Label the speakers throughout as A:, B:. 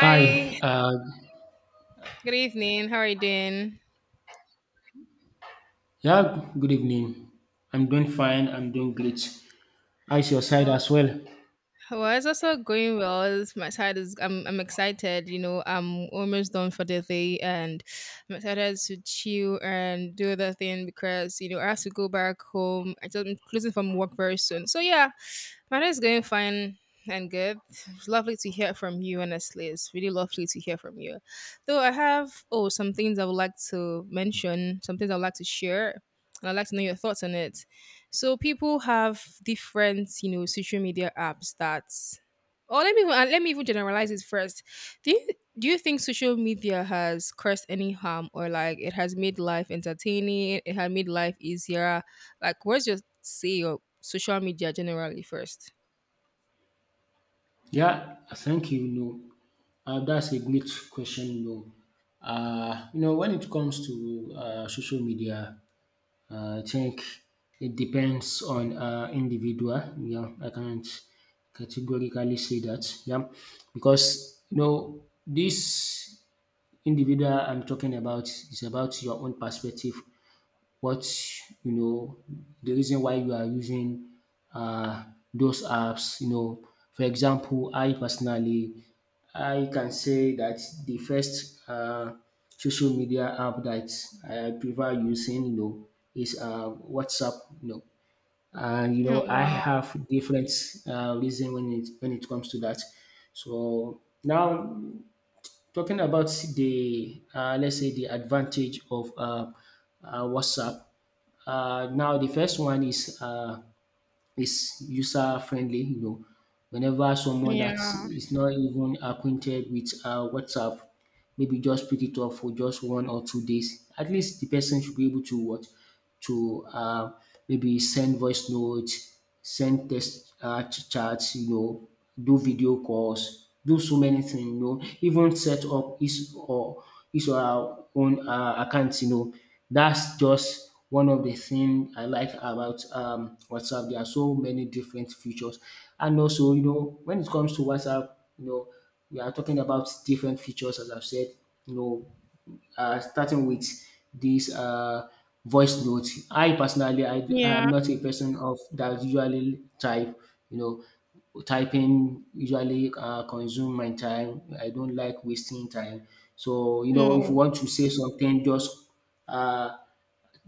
A: Hi, uh,
B: good evening. How are you doing?
A: yeah, Good evening. I'm doing fine, I'm doing great. How's your side
B: Well,
A: as well?
B: well, it's also going well. My side is I'm excited. You know, I'm almost done for the day, and I'm excited to chill and do the thing because you know I have to go back home. I'm closing from work very soon. So yeah, my day is going fine and good. It's lovely to hear from you, honestly. It's really lovely to hear from you. Though I have, oh, some things I would like to mention, some things I would like to share, and I'd like to know your thoughts on it. So, people have different, you know, social media apps that, or let me even generalize it first. Do you, do you think social media has caused any harm, or like it has made life entertaining? It has made life easier. Like, what's your say on social media generally first?
A: Yeah, thank you. No, That's a great question. No, You know, when it comes to social media, I think it depends on individual. Yeah, I can't categorically say that. Yeah, because you know, this individual I'm talking about is about your own perspective, what you know, the reason why you are using uh, those apps. You know, for example, I personally I can say that the first social media app that I prefer using, you know, is WhatsApp. You know, and you
B: Oh
A: know I
B: wow.
A: have different reason when it comes to that. So now, talking about the let's say the advantage of WhatsApp. Now the first one is user friendly. You know, whenever someone
B: Yeah.
A: that is not even acquainted with WhatsApp, maybe just pick it up for just 1 or 2 days. At least the person should be able to what to maybe send voice notes, send text chats. You know, do video calls, do so many things. You know, even set up his or her own accounts. You know, that's just one of the things I like about WhatsApp. There are so many different features, and also you know when it comes to WhatsApp, you know we are talking about different features as I've said. You know, starting with this voice note. I personally, I am
B: Yeah.
A: not a person of that usually type. You know, typing usually consume my time. I don't like wasting time. So you know, if you
B: No.
A: want to say something, just uh,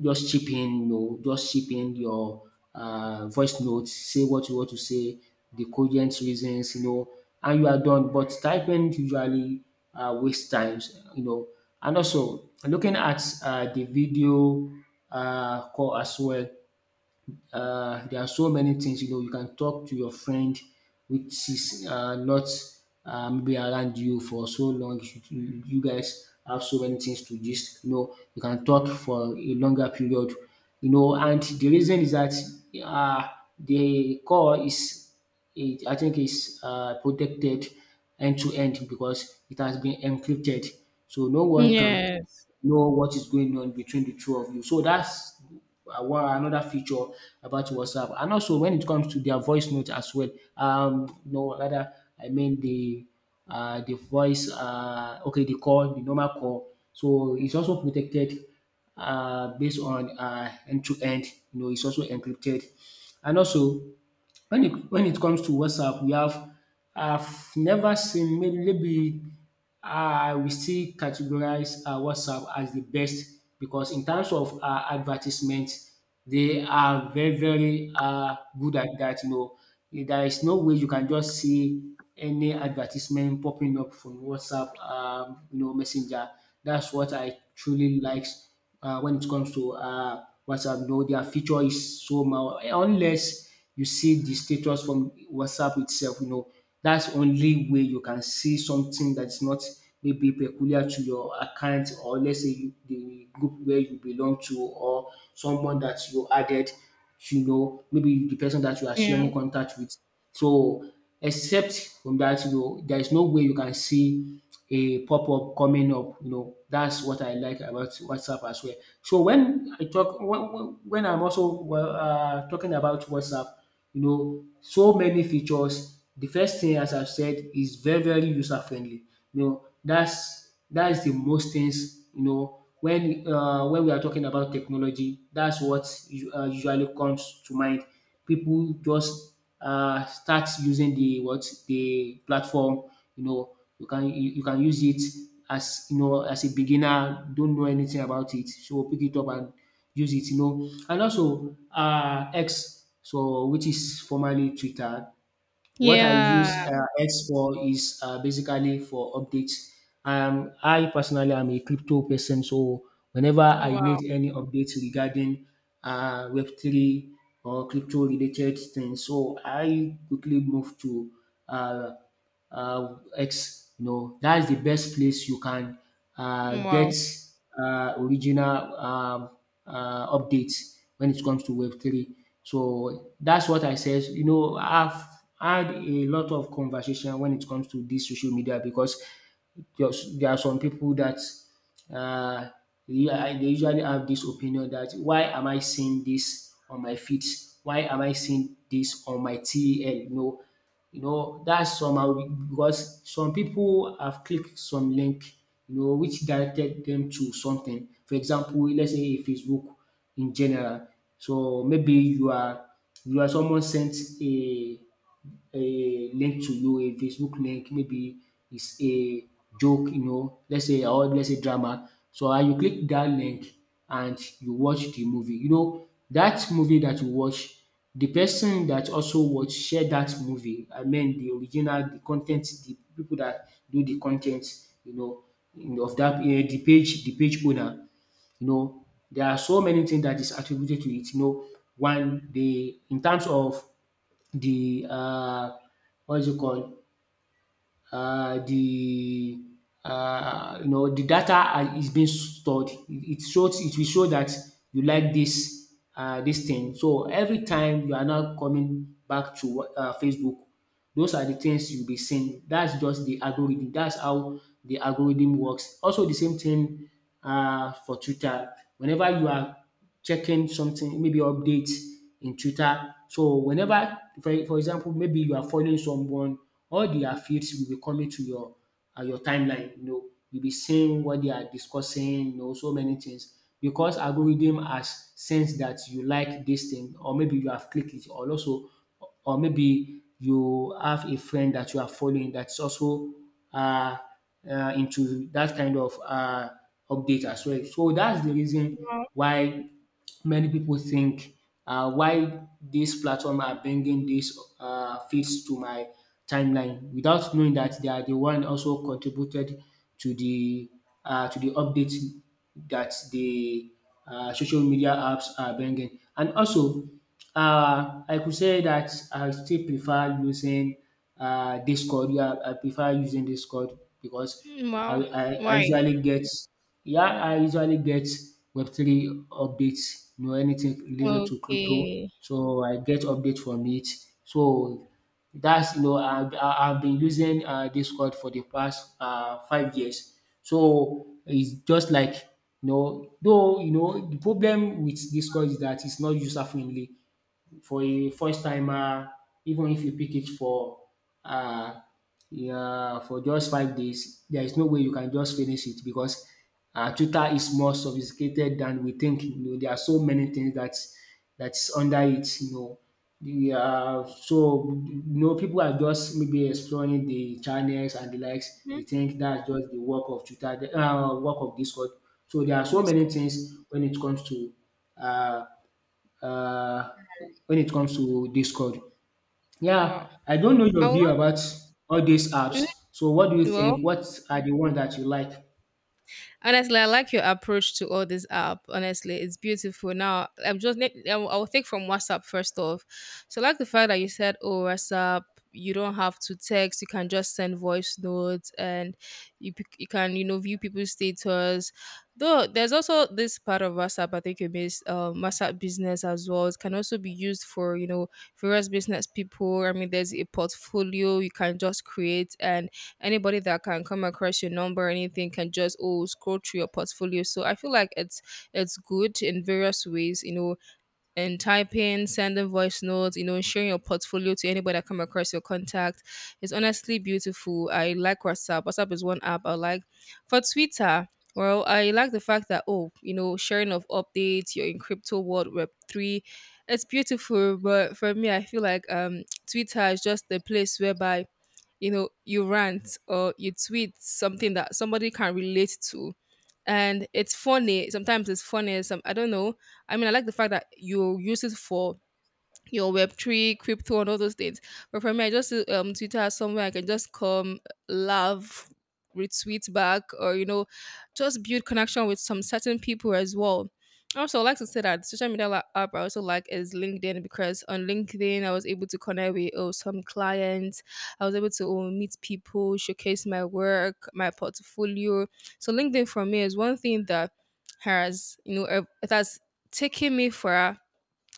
A: just chip in, you just chip in your voice notes, say what you want to say, the cogent reasons, you know, and you are done. But typing usually waste times, you know. And also looking at the video call as well, there are so many things you know you can talk to your friend which is not maybe around you for so long, you guys have so many things to gist, you know you can talk for a longer period, you know, and the reason is that uh, the core is, it, I think is protected end to end because it has been encrypted, so no one can
B: Yes.
A: know what is going on between the two of you. So that's one another feature about WhatsApp. And also when it comes to their voice note as well, no rather I mean the voice, okay the call, the normal call. So it's also protected based on end to end. You know, it's also encrypted, and also when it comes to WhatsApp, we have, I've never seen, maybe I will still categorize WhatsApp as the best because in terms of advertisement, they are very very good at that, you know. There is no way you can just see any advertisement popping up from WhatsApp you know messenger. That's what I truly likes when it comes to WhatsApp. No, their feature is so mild, unless you see the status from WhatsApp itself, you know, that's only way you can see something that's not maybe peculiar to your account or let's say you, the group where you belong to or someone that you added, you know, maybe the person that you are
B: Yeah.
A: sharing contact with. So, except from that, you know, there is no way you can see a pop-up coming up. You know, that's what I like about WhatsApp as well. So when I talk, when I'm also well, talking about WhatsApp, you know, so many features. The first thing as I've said is very very user friendly. You know, that's the most things, you know, when we are talking about technology. That's what usually comes to mind. People just start using the what the platform. You know, you can use it as, you know, as a beginner, don't know anything about it, so pick it up and use it, you know. And also X, so which is formerly Twitter. What I use
B: Yeah.
A: X for is basically for updates. I personally am a crypto person, so whenever
B: Oh,
A: I
B: wow.
A: need any updates regarding web three or crypto related things, so I quickly move to uh X. You know, that's the best place you can
B: Wow.
A: get original updates when it comes to Web three. So that's what I said. You know, I've had a lot of conversation when it comes to this social media because just there are some people that uh, yeah, they usually have this opinion that, why am I seeing this on my feeds? Why am I seeing this on my TEL? You know that's somehow because some people have clicked some link, you know, which directed them to something, for example, let's say Facebook in general. So maybe you are, you are, someone sent a a link to you, a Facebook link, maybe it's a joke, you know, let's say, or let's say drama. So and you click that link and you watch the movie. You know, that movie that you watch, the person that also watch share that movie. I mean the original, the content, the people that do the content, you know, of that eh, the page owner. You know, there are so many things that is attributed to it. You know, one, the in terms of the what is you call, the you know, the data is being stored. It shows, it will show that you like this this thing. So every time you are now coming back to Facebook, those are the things you'll be seeing. That's just the algorithm. That's how the algorithm works. Also, the same thing for Twitter. Whenever you are checking something, maybe update in Twitter. So whenever, for example, maybe you are following someone, all their feeds will be coming to your timeline. You know, you'll be seeing what they are discussing. You know, so many things because algorithm has sensed that you like this thing, or maybe you have clicked it, or also or maybe you have a friend that you are following that's also uh, into that kind of update as well. So that's the reason
B: Wow.
A: why many people think, why this platform are bringing these feeds to my timeline without knowing that they are the one also contributed to the to the update that the social media apps are bringing. And also, I could say that I still prefer using Discord. Yeah, I prefer using Discord because I
B: Wow.
A: I I
B: Why?
A: usually get, yeah, I usually get Web3 updates, you know, anything related to crypto.
B: Okay.
A: So I get updates from it. So that's, you know, I've been using Discord for the past 5 years. So it's just like, you know, though you know the problem with Discord is that it's not user friendly for a first timer, even if you pick it for uh, yeah, for just 5 days, there is no way you can just finish it because tutor is more sophisticated than we think. You know, there are so many things that that's under it. You know, the so you know people are just maybe exploring the channels and the likes. They
B: Mhm.
A: think that's just the work of tutor, the work of Discord. So there are so
B: This
A: many
B: call.
A: things when it comes to uh, uh, when it comes to Discord.
B: Wow.
A: Yeah, I don't know
B: I
A: your
B: would
A: view
B: like.
A: about all these
B: mm,
A: apps. So, what do you
B: Well,
A: think? What are the ones that you like?
B: honestly, I like your approach to all this app. Honestly, it's beautiful. Now, I will take from WhatsApp first off. So, I like the fact that you said, "Oh, WhatsApp, you don't have to text. You can just send voice notes, and you can you know view people's status." Though there's also this part of WhatsApp I think you missed. WhatsApp business as well. It can also be used for you know various business people. I mean, there's a portfolio you can just create and anybody that can come across your number or anything can just oh scroll through your portfolio, so I feel like it's good in various ways, you know, and typing, sending voice notes, you know, sharing your portfolio to anybody that come across your contact. It's honestly beautiful. I like WhatsApp. WhatsApp is one app I like. For Twitter, well, I like the fact that oh, you know, sharing of updates, you're in crypto world, web three, it's beautiful. But for me, I feel like Twitter is just the place whereby you know you rant or you tweet something that somebody can relate to, and it's funny. Sometimes it's funny. Some, I don't know. I mean, I like the fact that you use it for your Web3, crypto, and all those things. But for me, I just see, Twitter as somewhere I can just come, laugh, retweet back, or, you know, just build connection with some certain people as well. Also, I like to say that social media app I also like is LinkedIn because on LinkedIn I was able to connect with oh, some clients. I was able to oh, meet people, showcase my work, my portfolio. So LinkedIn for me is one thing that has you know it has taken me for,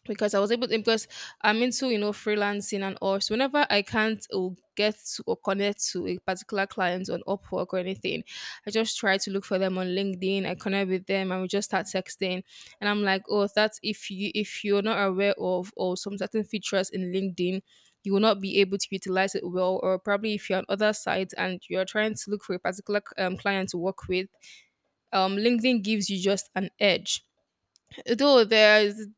B: because I was able to, because I'm into you know freelancing and all. So whenever I can't or get to or connect to a particular client on Upwork or anything, I just try to look for them on LinkedIn. I connect with them and we just start texting. And I'm like, oh, that's if you're not aware of or some certain features in LinkedIn. You will not be able to utilize it well, or probably if you're on other sites and you're trying to look for a particular client to work with, LinkedIn gives you just an edge, though there is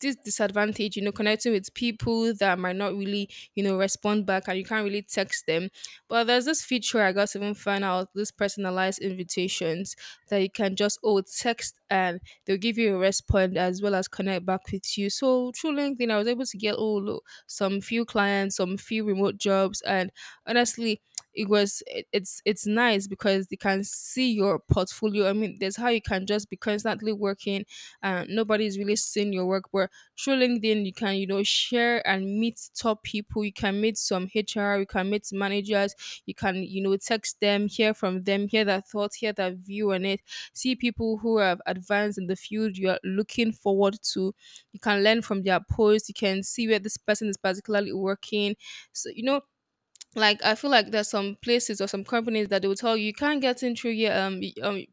B: this disadvantage, you know, connecting with people that might not really, you know, respond back and you can't really text them. But there's this feature I got to even find out, this personalized invitations that you can just oh text and they'll give you a response as well as connect back with you. So through LinkedIn I was able to get oh look, some few clients, some few remote jobs, and honestly it was it's nice because they can see your portfolio. I mean there's how you can just be constantly working and nobody's really seen your work. But through LinkedIn, you can, you know, share and meet top people. You can meet some HR, you can meet managers, you can, you know, text them, hear from them, hear their thoughts, hear their view on it, see people who have advanced in the field you're looking forward to. You can learn from their posts, you can see where this person is particularly working. So, you know, like I feel like there's some places or some companies that they will tell you you can't get in through here.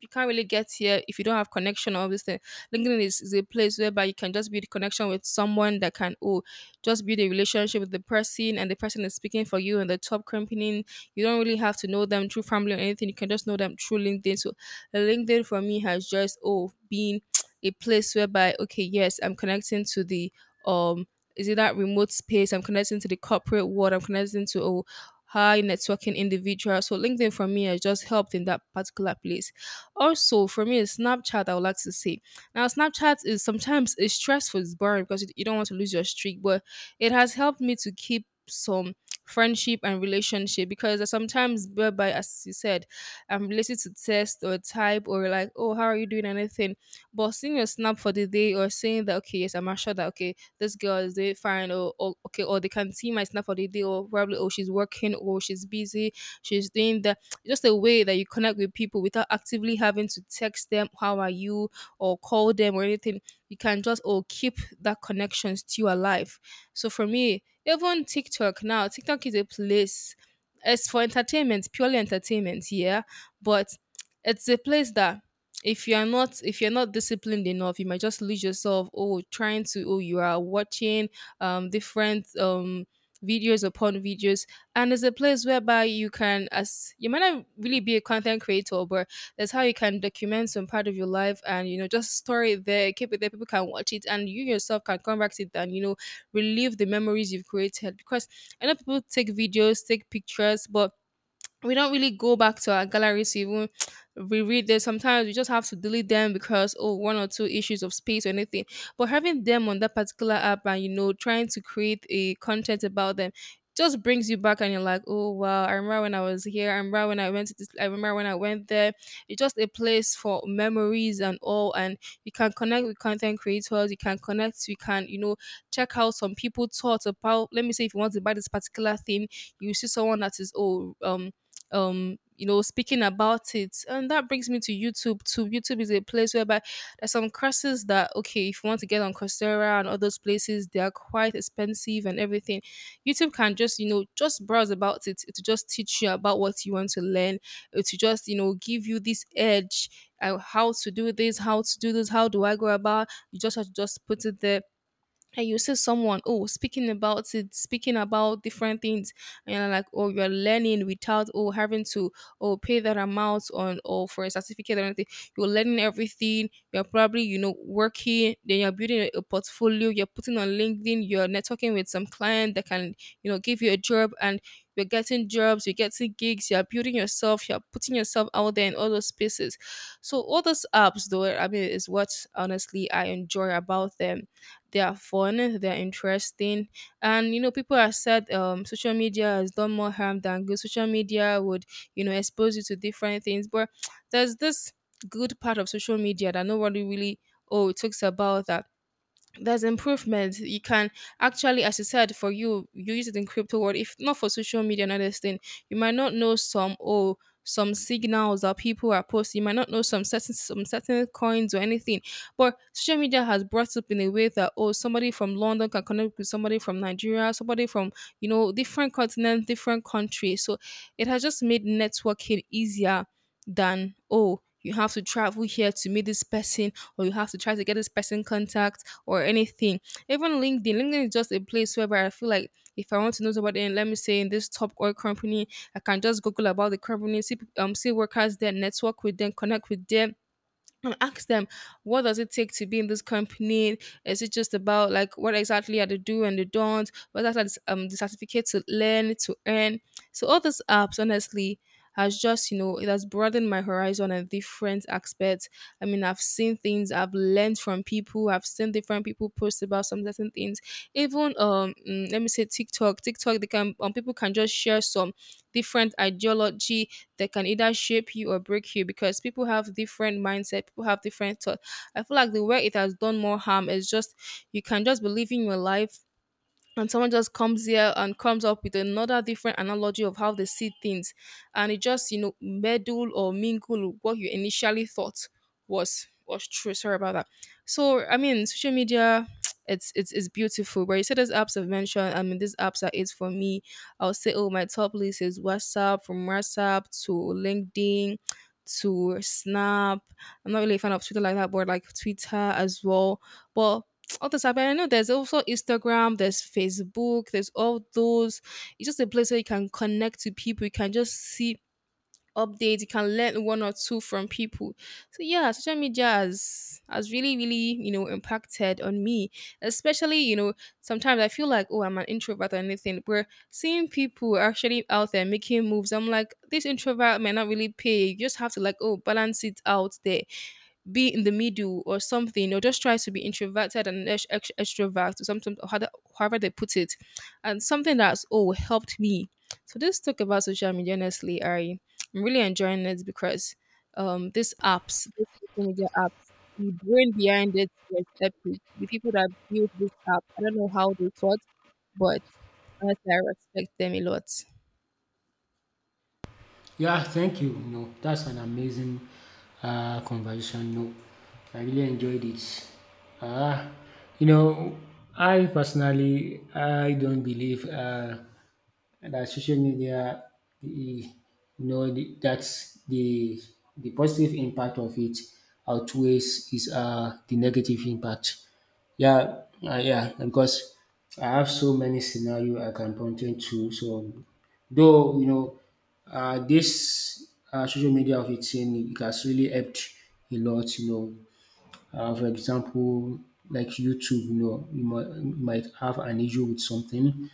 B: You can't really get here if you don't have connection or all this thing. Is a place whereby you can just build a connection with someone that can oh just build a relationship with the person and the person is speaking for you and the top company. You don't really have to know them through family or anything. You can just know them through LinkedIn. So LinkedIn for me has just oh been a place whereby okay yes I'm connecting to the um is it that remote space? I'm connecting to the corporate world. I'm connecting to a high networking individual. So LinkedIn for me has just helped in that particular place. Also, for me, it's Snapchat, I would like to say. Now, Snapchat is sometimes it's stressful, it's boring because you don't want to lose your streak, but it has helped me to keep some friendship and relationship because there's sometimes whereby as you said I'm related to test or type or like oh how are you doing anything, but seeing your snap for the day or saying that okay yes I'm assured that okay this girl is doing fine, or okay, or they can see my snap for the day or probably oh she's working or she's busy, she's doing that. Just a way that you connect with people without actively having to text them how are you or call them or anything. You can just oh keep that connection still alive. So for me, even TikTok. Now TikTok is a place, it's for entertainment, purely entertainment, yeah. But it's a place that if you're not, if you're not disciplined enough, you might just lose yourself oh trying to oh you are watching different videos upon videos. And it's a place whereby you can, as you might not really be a content creator, but that's how you can document some part of your life and you know just store it there, keep it there, people can watch it, and you yourself can come back to it and you know relive the memories you've created because I know people take videos, take pictures, but we don't really go back to our galleries to even reread them. Sometimes we just have to delete them because oh one or two issues of space or anything. But having them on that particular app and you know trying to create a content about them just brings you back and you're like, oh wow, I remember when I was here, I remember when I went to this, I remember when I went there. It's just a place for memories and all, and you can connect with content creators, you can connect, you can, you know, check out some people thoughts about, let me say if you want to buy this particular thing, you see someone that is oh you know speaking about it. And that brings me to YouTube too. YouTube is a place whereby there's some courses that okay if you want to get on Coursera and all those places, they are quite expensive and everything. YouTube can just you know just browse about it to just teach you about what you want to learn, to just you know give you this edge, how to do this, how to do this, how do I go about. You just have to just put it there and you see someone oh speaking about it, speaking about different things, and you're like oh you're learning without oh having to oh pay that amount on or for a certificate or anything. You're learning everything, you're probably you know working, then you're building a portfolio, you're putting on LinkedIn, you're networking with some client that can you know give you a job, and you're getting jobs, you're getting gigs, you're building yourself, you're putting yourself out there in all those spaces. So all those apps though, I mean, is what honestly I enjoy about them. They are fun, they're interesting, and you know people have said social media has done more harm than good. Social media would expose you to different things, but there's this good part of social media that nobody really oh it talks about that. There's improvement. You can actually, as you said, for you, you use it in crypto world. If not for social media and others thing, you might not know some some signals that people are posting. You might not know some certain coins or anything. But social media has brought up in a way that somebody from London can connect with somebody from Nigeria, somebody from, you know, different continents, different countries. So it has just made networking easier than, you have to travel here to meet this person, or you have to try to get this person contact or anything. Even LinkedIn, LinkedIn is just a place where I feel like if I want to know somebody, and let me say in this top oil company, I can just Google about the company, see see workers there, network with them, connect with them, and ask them, what does it take to be in this company? Is it just about, like, what exactly are the do and the don't? What are the certificate to learn to earn? So all these apps, honestly, has just, you know, it has broadened my horizon and different aspects. I mean, I've seen things, I've learned from people, I've seen different people post about some certain things. Even let me say TikTok, they can people can just share some different ideology that can either shape you or break you, because people have different mindset, people have different thoughts. I feel like the way it has done more harm is just you can just believe in your life, and someone just comes here and comes up with another different analogy of how they see things, and it just, you know, meddle or mingle with what you initially thought was true. Sorry about that. So I mean, social media it's beautiful. But you said these apps I've mentioned, I mean, these apps are it for me. I'll say, my top list is WhatsApp. From WhatsApp to LinkedIn to Snap. I'm not really a fan of Twitter like that, but like Twitter as well. But all this happening. I know there's also Instagram, there's Facebook, there's all those. It's just a place where you can connect to people. You can just see updates. You can learn one or two from people. So yeah, social media has, really, really, you know, impacted on me. Especially, you know, sometimes I feel like, I'm an introvert or anything. Where seeing people actually out there making moves, I'm like, this introvert may not really pay. You just have to, like, balance it out there, be in the middle or something, or just try to be introverted and extrovert or something, or however they put it. And something that's all helped me. So this talk about social media, honestly, I'm really enjoying it because these apps, these social media apps, the brain behind it was epic. The people that built this app, I don't know how they thought, but honestly, I respect them a lot.
A: Yeah, thank you. No, That's an amazing conversation. No, I really enjoyed it. Uh, you know, I personally I don't believe that social media, the, you know, the, that's the positive impact of it outweighs is the negative impact. Yeah, because I have so many scenario I can point to. So though, you know, this social media of its in, it has really helped a lot, you know. For example, like YouTube, you know, you might have an issue with something.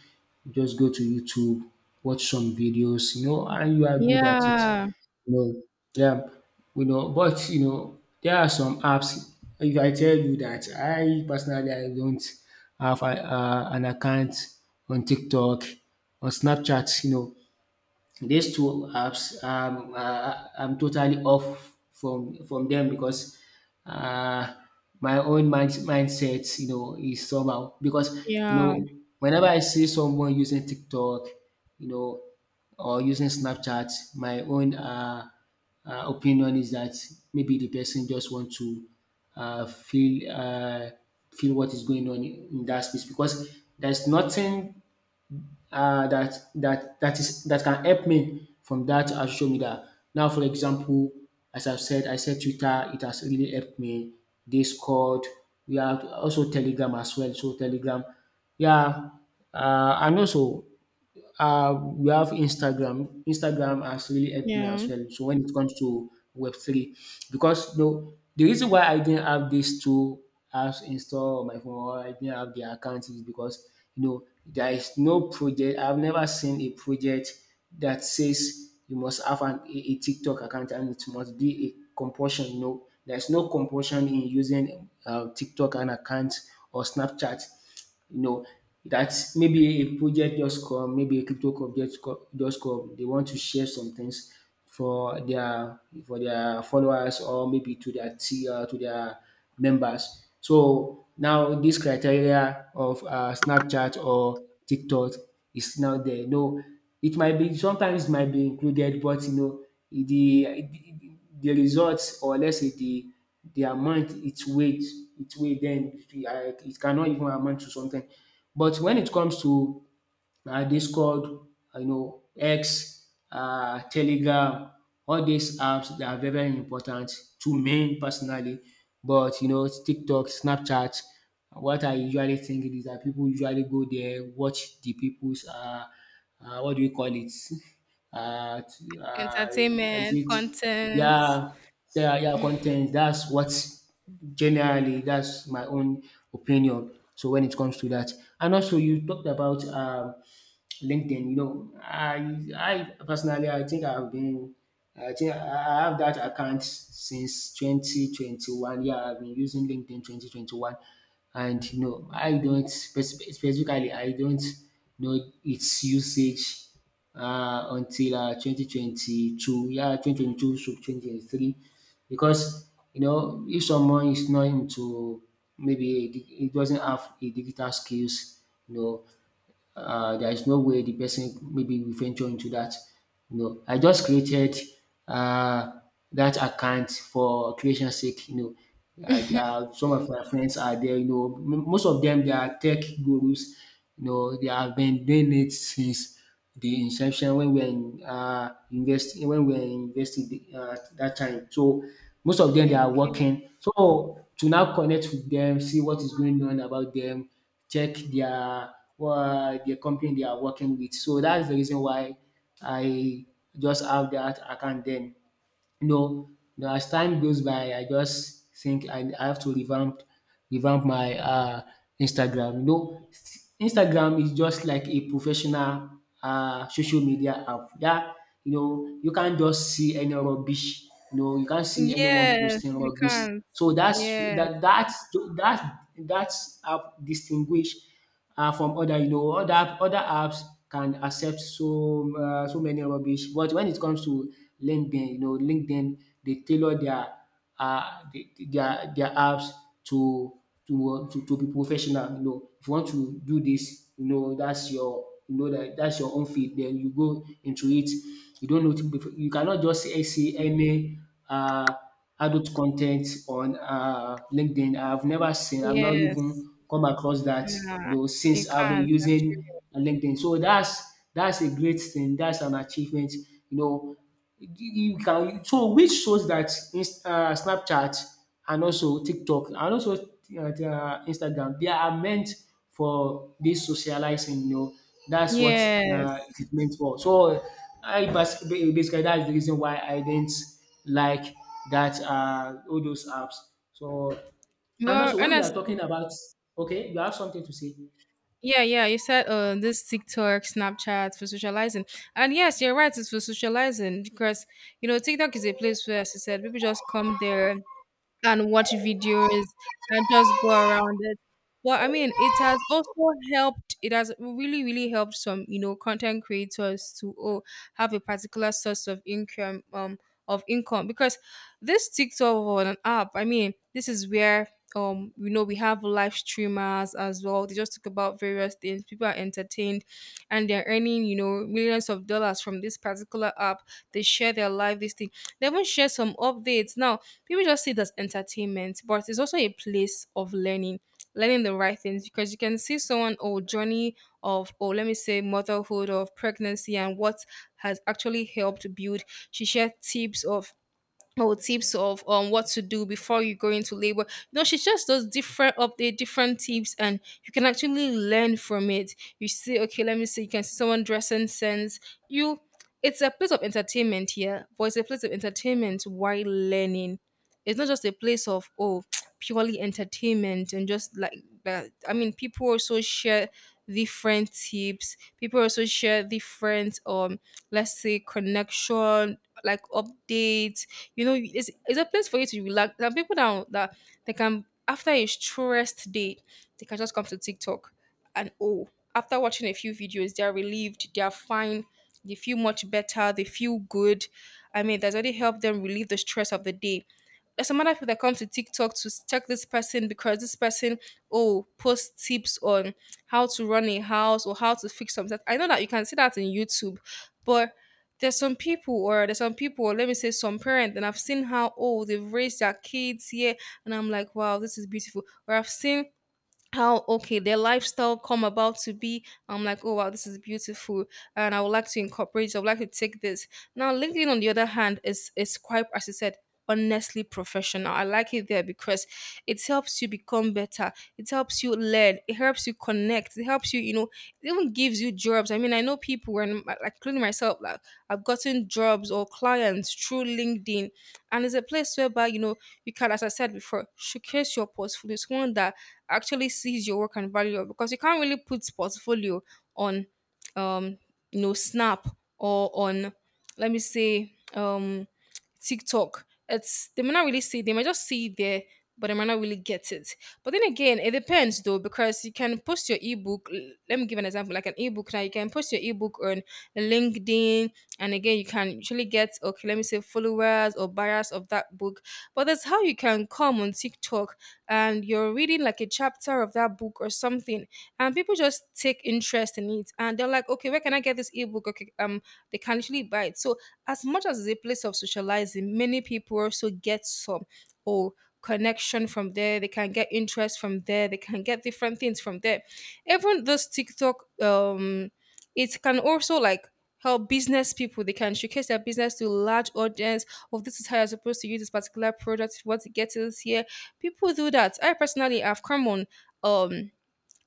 A: Just go to YouTube, watch some videos, you know, and you are good at it.
B: Yeah,
A: You know, yeah, you know, but, you know, there are some apps. If I tell you that I personally, I don't have an account on TikTok, on Snapchat, you know, these two apps, I'm totally off from them because uh, my own mindset, you know, is somehow because you
B: yeah,
A: know whenever I see someone using TikTok, you know, or using Snapchat, my own opinion is that maybe the person just want to feel feel what is going on in that space because there's nothing that that that is that can help me from that social media. Now, for example, as I've said, I said Twitter, it has really helped me. Discord, we have also Telegram as well. So Telegram, yeah, and also we have Instagram. Instagram has really helped me
B: yeah.
A: as well. So when it comes to Web three, because you know, the reason why I didn't have these two apps installed on my phone or I didn't have the account is because you know there is no project. I've never seen a project that says you must have a TikTok account and it must be a compulsion. You know, there's no compulsion in using TikTok an account or Snapchat, you know, that maybe a project just come, maybe a crypto just come. They want to share some things for their for their followers or maybe to their to their members. So now this criteria of Snapchat or TikTok is now there. No, it might be sometimes it might be included, but you know the the results, or let's say the amount, its weight, its weight, then it it cannot even amount to something. But when it comes to Discord, you know, X, Telegram. All these apps, they are very very important to me personally. But you know, TikTok, Snapchat, what I usually think is that people usually go there, watch the people's what do you call it? Uh, t- uh is
B: Entertainment,
A: it,
B: content.
A: yeah, yeah, yeah, content. That's what, generally that's my own opinion. So when it comes to that, and also you talked about LinkedIn, you know, I personally, I think I've been, I think I have that account since 2021. Yeah, I've been using LinkedIn 2021. And you know, I don't spec- specifically I don't know its usage until 2022. Yeah, 2022 to 2023 because you know if someone is not into he doesn't have a digital skills, you know, there is no way the person maybe will venture into that. You know, I just created uh, that account for creation sake. You know, some of my friends are there. You know, most of them they are tech gurus. You know, they have been doing it since the inception when we were in university, when we were investing university dat time. So most of them they are
B: Okay.
A: working. So to now connect with them, see what is going on about them, check their company they are working with. So that's the reason why I just have that account then. No, no, as time goes by, I just think I have to revamp my Instagram. You know, Instagram is just like a professional social media app that you know you can't just see any rubbish. You know, you can't see anyone
B: Yes,
A: posting
B: you
A: rubbish,
B: can't.
A: so that's,
B: Yes,
A: that's that that's app distinguish from other, you know, other apps can accept so so many rubbish, but when it comes to LinkedIn, you know, LinkedIn, they tailor their um their apps to to be professional. You know, if you want to do this, you know, that's your, you know, that's your own field. Then you go into it, you don't know, you cannot just say any uh adult content on LinkedIn. I've never seen, I've not
B: yes.
A: even come across that,
B: Nah,
A: you know,
B: you
A: since I've been
B: can't actually.
A: using LinkedIn. So that's a great thing. That's an achievement, you know. You can, so which shows that Snapchat and also TikTok and also Instagram they are meant for this socializing. You know, that's what it
B: Yes.
A: is meant for. So basically that's the reason why I didn't like that all those apps. So and
B: Well,
A: also when we are
B: honestly,
A: talking about, okay, you have something to say.
B: yeah, yeah. You said this TikTok, Snapchat for socializing. And yes, you're right, it's for socializing, because, you know, TikTok is a place where, as you said, people just come there and watch videos and just go around it. But I mean, it has also helped. It has really, really helped some, you know, content creators to, have a particular source of income, because this TikTok on an app. I mean, this is where, you know, we have live streamers as well. They just talk about various things. People are entertained, and they're earning, you know, millions of dollars from this particular app. They share their life this thing, they even share some updates. Now people just see it as entertainment, but it's also a place of learning, learning the right things, because you can see someone or journey of, or let me say, motherhood of pregnancy, and what has actually helped build, she shared tips of, or tips of, what to do before you go into labor. You know, she just does different update, different tips, and you can actually learn from it. You see, okay, let me see, you can see someone dressing sense. You, it's a place of entertainment here, but it's a place of entertainment while learning. It's not just a place of purely entertainment and just like that. I mean, people also share different tips. People also share different let's say connection, like, updates. You know, it's a place for you to relax. There are people that they can, after a stressed day, they can just come to TikTok, and after watching a few videos, they're relieved, they're fine, they feel much better, they feel good. I mean, that's already helped them relieve the stress of the day. There's some other people that come to TikTok to check this person, because this person oh posts tips on how to run a house or how to fix something. I know that you can see that in YouTube, but there's some people, or there's some people, or let me say some parents, and I've seen how they've raised their kids here, and I'm like, wow, this is beautiful. Or I've seen how, okay, their lifestyle come about to be, I'm like, wow, this is beautiful, and I would like to incorporate this, I would like to take this. Now LinkedIn on the other hand is, quite, as you said, honestly, professional. I like it there, because it helps you become better, it helps you learn, it helps you connect, it helps you, you know, it even gives you jobs. I mean, I know people, and, like, including myself, like, I've gotten jobs or clients through LinkedIn. And it's a place whereby, you know, you can, as I said before, showcase your portfolio. It's one that actually sees your work and value it, because you can't really put portfolio on um you know, Snap, or on, let me say, TikTok. It's, they may not really see, they might just see it there, but they might not really get it. But then again, it depends though, because you can post your ebook. Let me give an example, like an ebook. Now you can post your ebook on LinkedIn, and again you can usually get, okay, let me say, followers or buyers of that book. But that's how you can come on TikTok and you're reading like a chapter of that book or something, and people just take interest in it, and they're like, okay, where can I get this ebook? Okay, they can actually buy it. So as much as it's a place of socializing, many people also get some, or connection from there, they can get interest from there, they can get different things from there. Even this TikTok, it can also, like, help business people. They can showcase their business to a large audience. Oh, this is how you're supposed to use this particular product, what to get it this here. People do that. I personally have come on, um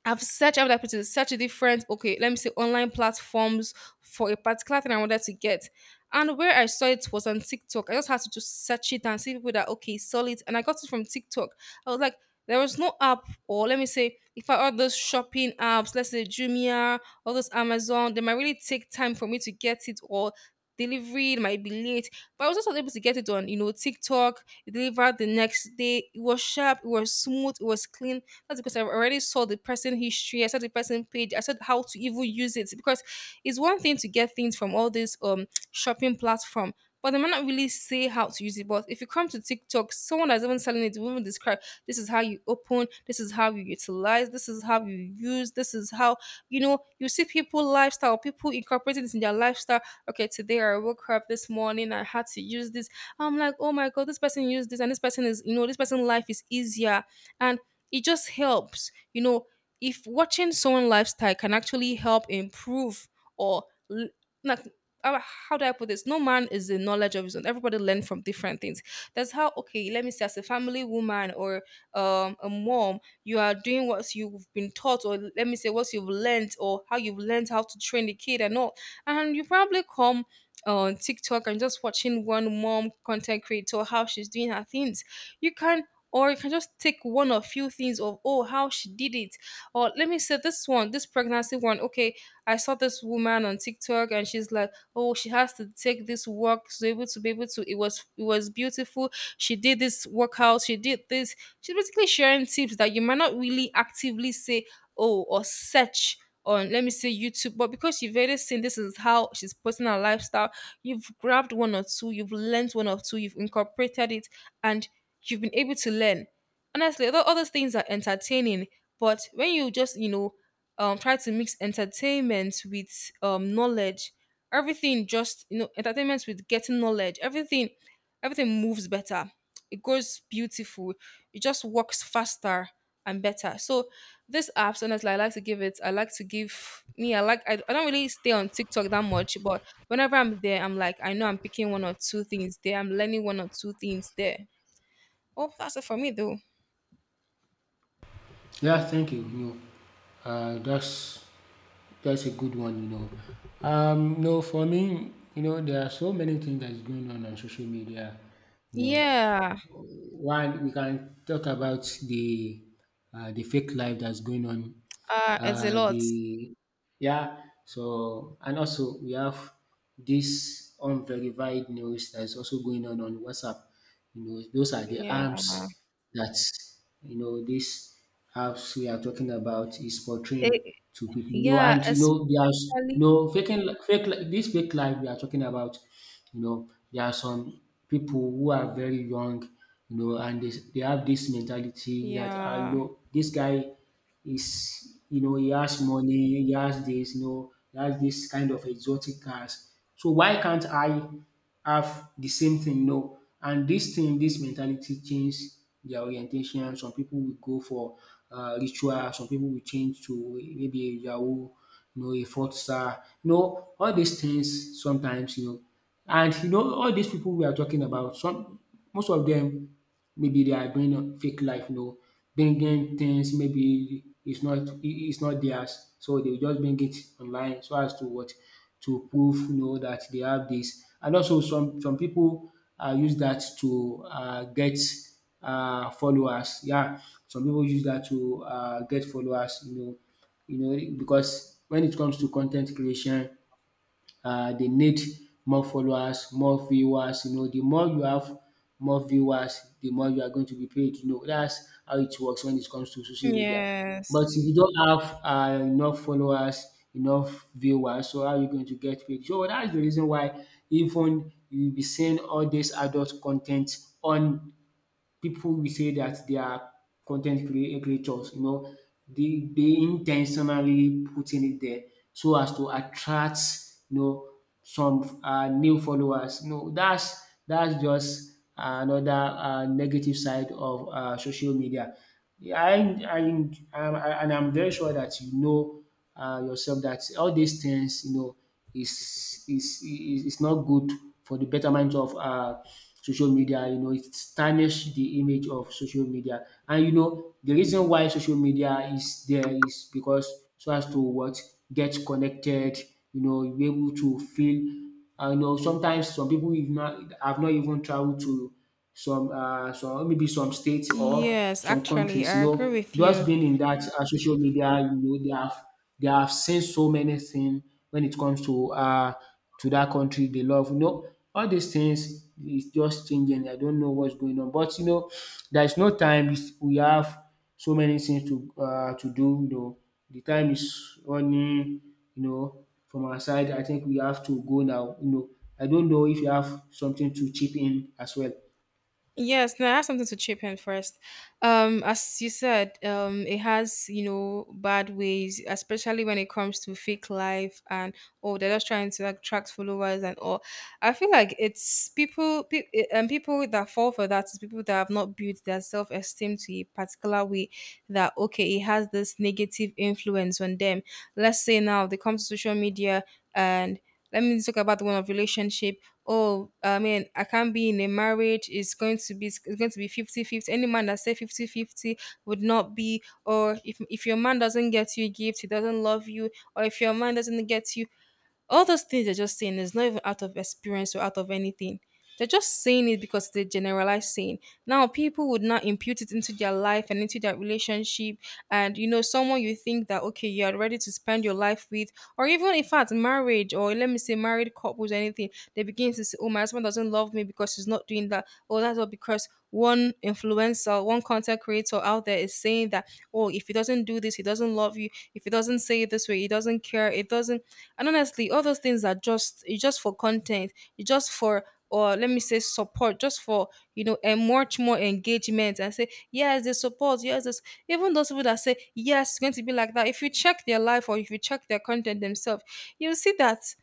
B: I've searched, I've like to search different, okay, let me say online platforms for a particular thing I wanted to get. And where I saw it was on TikTok. I just had to just search it and see people that, okay, sell it. And I got it from TikTok. I was like, there was no app, or let me say, if I, all those shopping apps, let's say Jumia, all those Amazon, they might really take time for me to get it, or delivery, it might be late. But I was also able to get it on, you know, TikTok. It delivered the next day. It was sharp, it was smooth, it was clean. That's because I already saw the person history. I saw the person page. I saw how to even use it, because it's one thing to get things from all this shopping platform, but they might not really say how to use it. But if you come to TikTok, someone that's even selling it will even describe, this is how you open, this is how you utilize, this is how you use, this is how, you know, you see people lifestyle, people incorporating this in their lifestyle. Okay, today I woke up this morning, I had to use this. I'm like, oh my god, this person used this, and this person is, you know, this person's life is easier. And it just helps, you know, if watching someone lifestyle can actually help improve, or l- like, uh, how do I put this? No man is the knowledge of his own. Everybody learn from different things. That's how. Okay, let me say, as a family woman or a mom, you are doing what you've been taught, or let me say, what you've learned, or how you've learned how to train the kid and all. And you probably come on TikTok and just watching one mom content creator how she's doing her things. You can, or you can just take one or few things of, oh, how she did it, or let me say this one, this pregnancy one. Okay, I saw this woman on TikTok and she's like, oh, she has to take this work to be able to it was beautiful. She did this workout, she did this, she's basically sharing tips that you might not really actively say, oh, or search on, let me say, YouTube, but because you've already seen this is how she's posting her lifestyle, you've grabbed one or two, you've learned one or two, you've incorporated it, and you've been able to learn. Honestly, although other things are entertaining, but when you just try to mix entertainment with knowledge, everything just, you know, entertainment with getting knowledge, everything moves better. It goes beautiful. It just works faster and better. So this apps, honestly, I like to give it. I like to give me. I like. I don't really stay on TikTok that much, but whenever I'm there, I'm like, I know I'm picking one or two things there. I'm learning one or two things there. Oh, that's it for me though.
A: Yeah, thank you. No, uh, that's that's a good one. You know, no, for me, you know, there are so many things that is going on social media. You know,
B: Yeah,
A: one we can talk about the fake life that's going on,
B: it's a lot.
A: the yeah, so and also we have this unverified news that is also going on WhatsApp, you know, those are the
B: Yeah.
A: arms that, you know, these apps we are talking about is portraying
B: It-
A: to people, you know,
B: yeah,
A: and you know there's,
B: especially.
A: you know, faking li- fake li- this fake life we are talking about, you know, there are some people who are very young, you know, and they have this mentality that ah, you
B: Yeah.
A: know, this guy, he's, you know, he has money, he has this, you know, he has this kind of exotic cars. So why can't I have the same thing? No. And this thing, this mentality change their orientation. Some people will go for ritual. Some people will change to maybe a Yahoo, you know, a Forza. You know, all these things sometimes, you know, and you know, all these people we are talking about, some most of them maybe they are doing a fake life, you know, bringing things maybe it's not, it's not theirs, so they will just bring it online so as to what, to prove, you know, that they have this. And also some people use that to get followers. Yeah, some people use that to get followers, you know, because when it comes to content creation, they need more followers, more viewers, you know, the more you have more viewers, the more you are going to be paid, you know. That's how it works when it comes to social media. But
B: Yes.
A: if you don't have enough followers, enough viewers, so how are you going to get paid? So that's the reason why even you'll be seeing all this adult content on, people will say that they are creators, you know, they intentionally putting it there so as to attract, you know, some new followers. You know, that's just another negative side of social media. Yeah, I, I'm- I, and I'm very sure that you know yourself that all these things, you know, is not good for the betterment of social media. You know, it tarnish the image of social media. And you know, the reason why social media is there is because so as to what, get connected. You know, you be able to feel. I know sometimes some people have not even traveled to some maybe some states or
B: Yes,
A: some
B: actually,
A: countries, you
B: I agree
A: know,
B: with you.
A: just being in that social media, you know, they have seen so many things when it comes to that country they love. You know, all these things is just changing. I don't know what's going on, but you know, there's no time. It's- We have so many things to do. You know, the time is running. You know, from our side, I think we have to go now. You know, I don't know if you have something to chip in as well.
B: Yes, now I have something to chip in first. As you said, it has, you know, bad ways, especially when it comes to fake life and, oh, they're just trying to attract followers and all. I feel like it's people, and people that fall for that is people that have not built their self esteem to a particular way. That okay, it has this negative influence on them. Let's say now they come to social media and let me talk about the one of relationship. Oh, I mean, I can't be in a marriage it's going to be, it's going to be 50-50. Any man that say 50-50 would not be, or if your man doesn't get you a gift he doesn't love you, or if your man doesn't get you, all those things they're just saying is not even out of experience or out of anything. They're just saying it because they generalize saying. Now people would not impute it into their life and into their relationship. And you know, someone you think that okay, you are ready to spend your life with, or even in fact, marriage, or let me say married couples or anything, they begin to say, oh, my husband doesn't love me because he's not doing that. Oh, that's all because one influencer, one content creator out there is saying that, oh, if he doesn't do this, he doesn't love you. If he doesn't say it this way, he doesn't care. It doesn't. And honestly, all those things are just, it's just for content. It's just for, or let me say support, just for, you know, and much more engagement and say yes, they support. Yes, this. Even those people that say yes, it's going to be like that. If you check their life or if you check their content themselves, you'll see that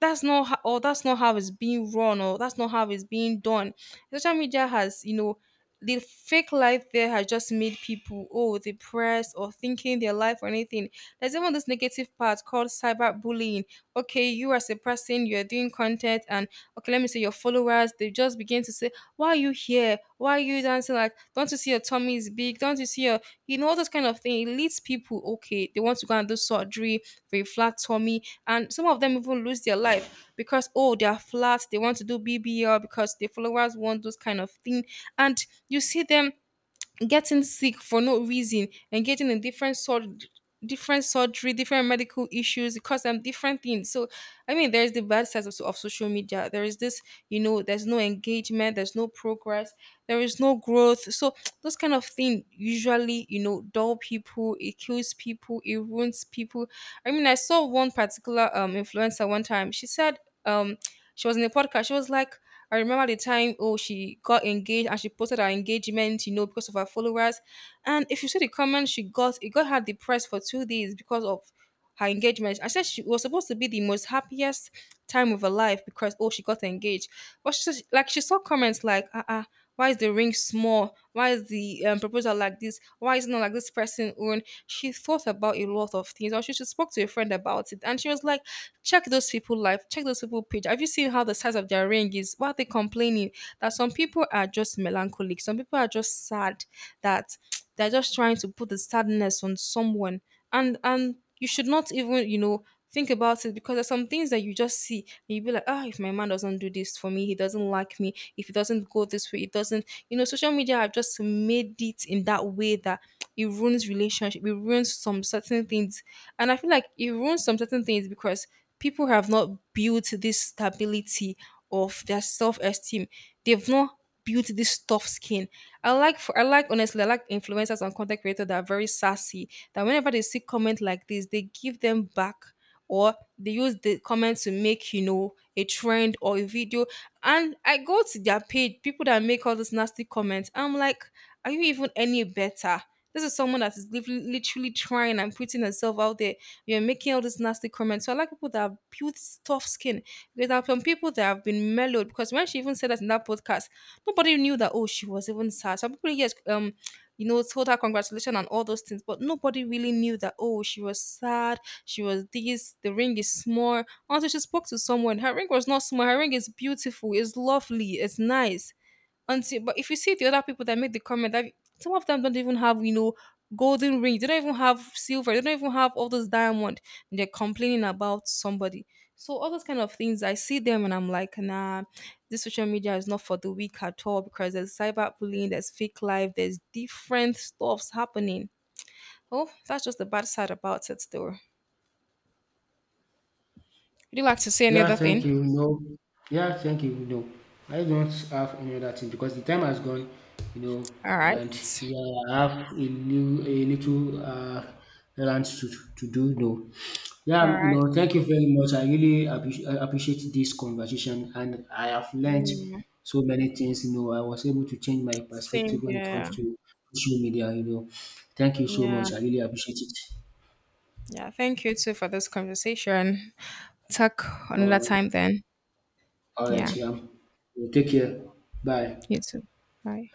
B: that's not how, or that's not how it's being run, or that's not how it's being done. Social media has, you know, the fake life there has just made people, oh, depressed or thinking their life or anything. There's even this negative part called cyberbullying. Okay, you as a person, you're doing content, and okay, let me say your followers, they just begin to say, why are you here, why are you dancing, like, don't you see your tummy is big, don't you see your, you know, all those kind of thing. It leads people, okay, they want to go and do surgery for a flat tummy, and some of them even lose their life because, oh, they are flat, they want to do BBL because the followers want those kind of thing, and you see them getting sick for no reason, engaging in different sort, different surgery, different medical issues, it cause them different things. So I mean there's the bad sides of, of social media. There is this, you know, there's no engagement, there's no progress, there is no growth. So those kind of thing usually, you know, dull people, it kills people, it ruins people. I mean I saw one particular influencer one time. She said um she was in a podcast, she was like, I remember the time, oh, she got engaged and she posted her engagement, you know, because of her followers. And if you see the comment she got, it got her depressed for 2 days because of her engagement. I said she was supposed to be the most happiest time of her life because, oh, she got engaged, but she said, like, she saw comments like, why is the ring small? Why is the proposal like this? Why is it not like this person own? She thought about a lot of things, or she spoke to a friend about it, and she was like, check those people life, check those people page, have you seen how the size of their ring is, why are they complaining, that some people are just melancholic, some people are just sad, that they're just trying to put the sadness on someone. And you should not even, you know, think about it, because there's some things that you just see and you be like, ah, if my man doesn't do this for me he doesn't like me, if it doesn't go this way, it doesn't. You know, social media have just made it in that way that it ruins relationship, it ruins some certain things, and I feel like it ruins some certain things because people have not built this stability of their self esteem. They've not built this tough skin. I like, honestly, I like influencers and content creators that are very sassy. That whenever they see comment like this, they give them back, or they use the comment to make, you know, a trend or a video, and I go to their page, people that make all those nasty comments. I'm like, are you even any better? This is someone that is literally trying and putting herself out there. You're making all these nasty comments. So I like people that have built tough skin. There are some people that have been mellowed because when she even said that in that podcast, nobody knew that, oh, she was even sad. Some people, yes, you know, told her congratulations and all those things, but nobody really knew that, oh, she was sad, she was this, the ring is small. Until she spoke to someone, her ring was not small. Her ring is beautiful, it's lovely, it's nice. Until, but if you see the other people that make the comment, that some of them don't even have, you know, golden rings. They don't even have silver. They don't even have all those diamond. And they're complaining about somebody. So all those kind of things, I see them and I'm like, nah, this social media is not for the weak at all because there's cyberbullying, there's fake life, there's different stuffs happening. Oh, that's just the bad side about it, though. Would you like to say any
A: Yeah,
B: other
A: thank
B: thing?
A: you. No. Yeah, thank you. No. I don't have any other thing because the time has gone, you know,
B: All right.
A: and yeah, I have a new, a little errand to do. No.
B: All
A: Yeah, you
B: right.
A: know, thank you very much. I appreciate this conversation and I have learned
B: Mm,
A: so many things. You know, I was able to change my
B: same
A: perspective when it
B: here.
A: comes to social media. You know, thank you so
B: Yeah.
A: much. I really appreciate it.
B: Yeah. Thank you too for this conversation. Talk another
A: All right.
B: time then.
A: All
B: Yeah.
A: right. Yeah. Take care. Bye.
B: You too. Bye.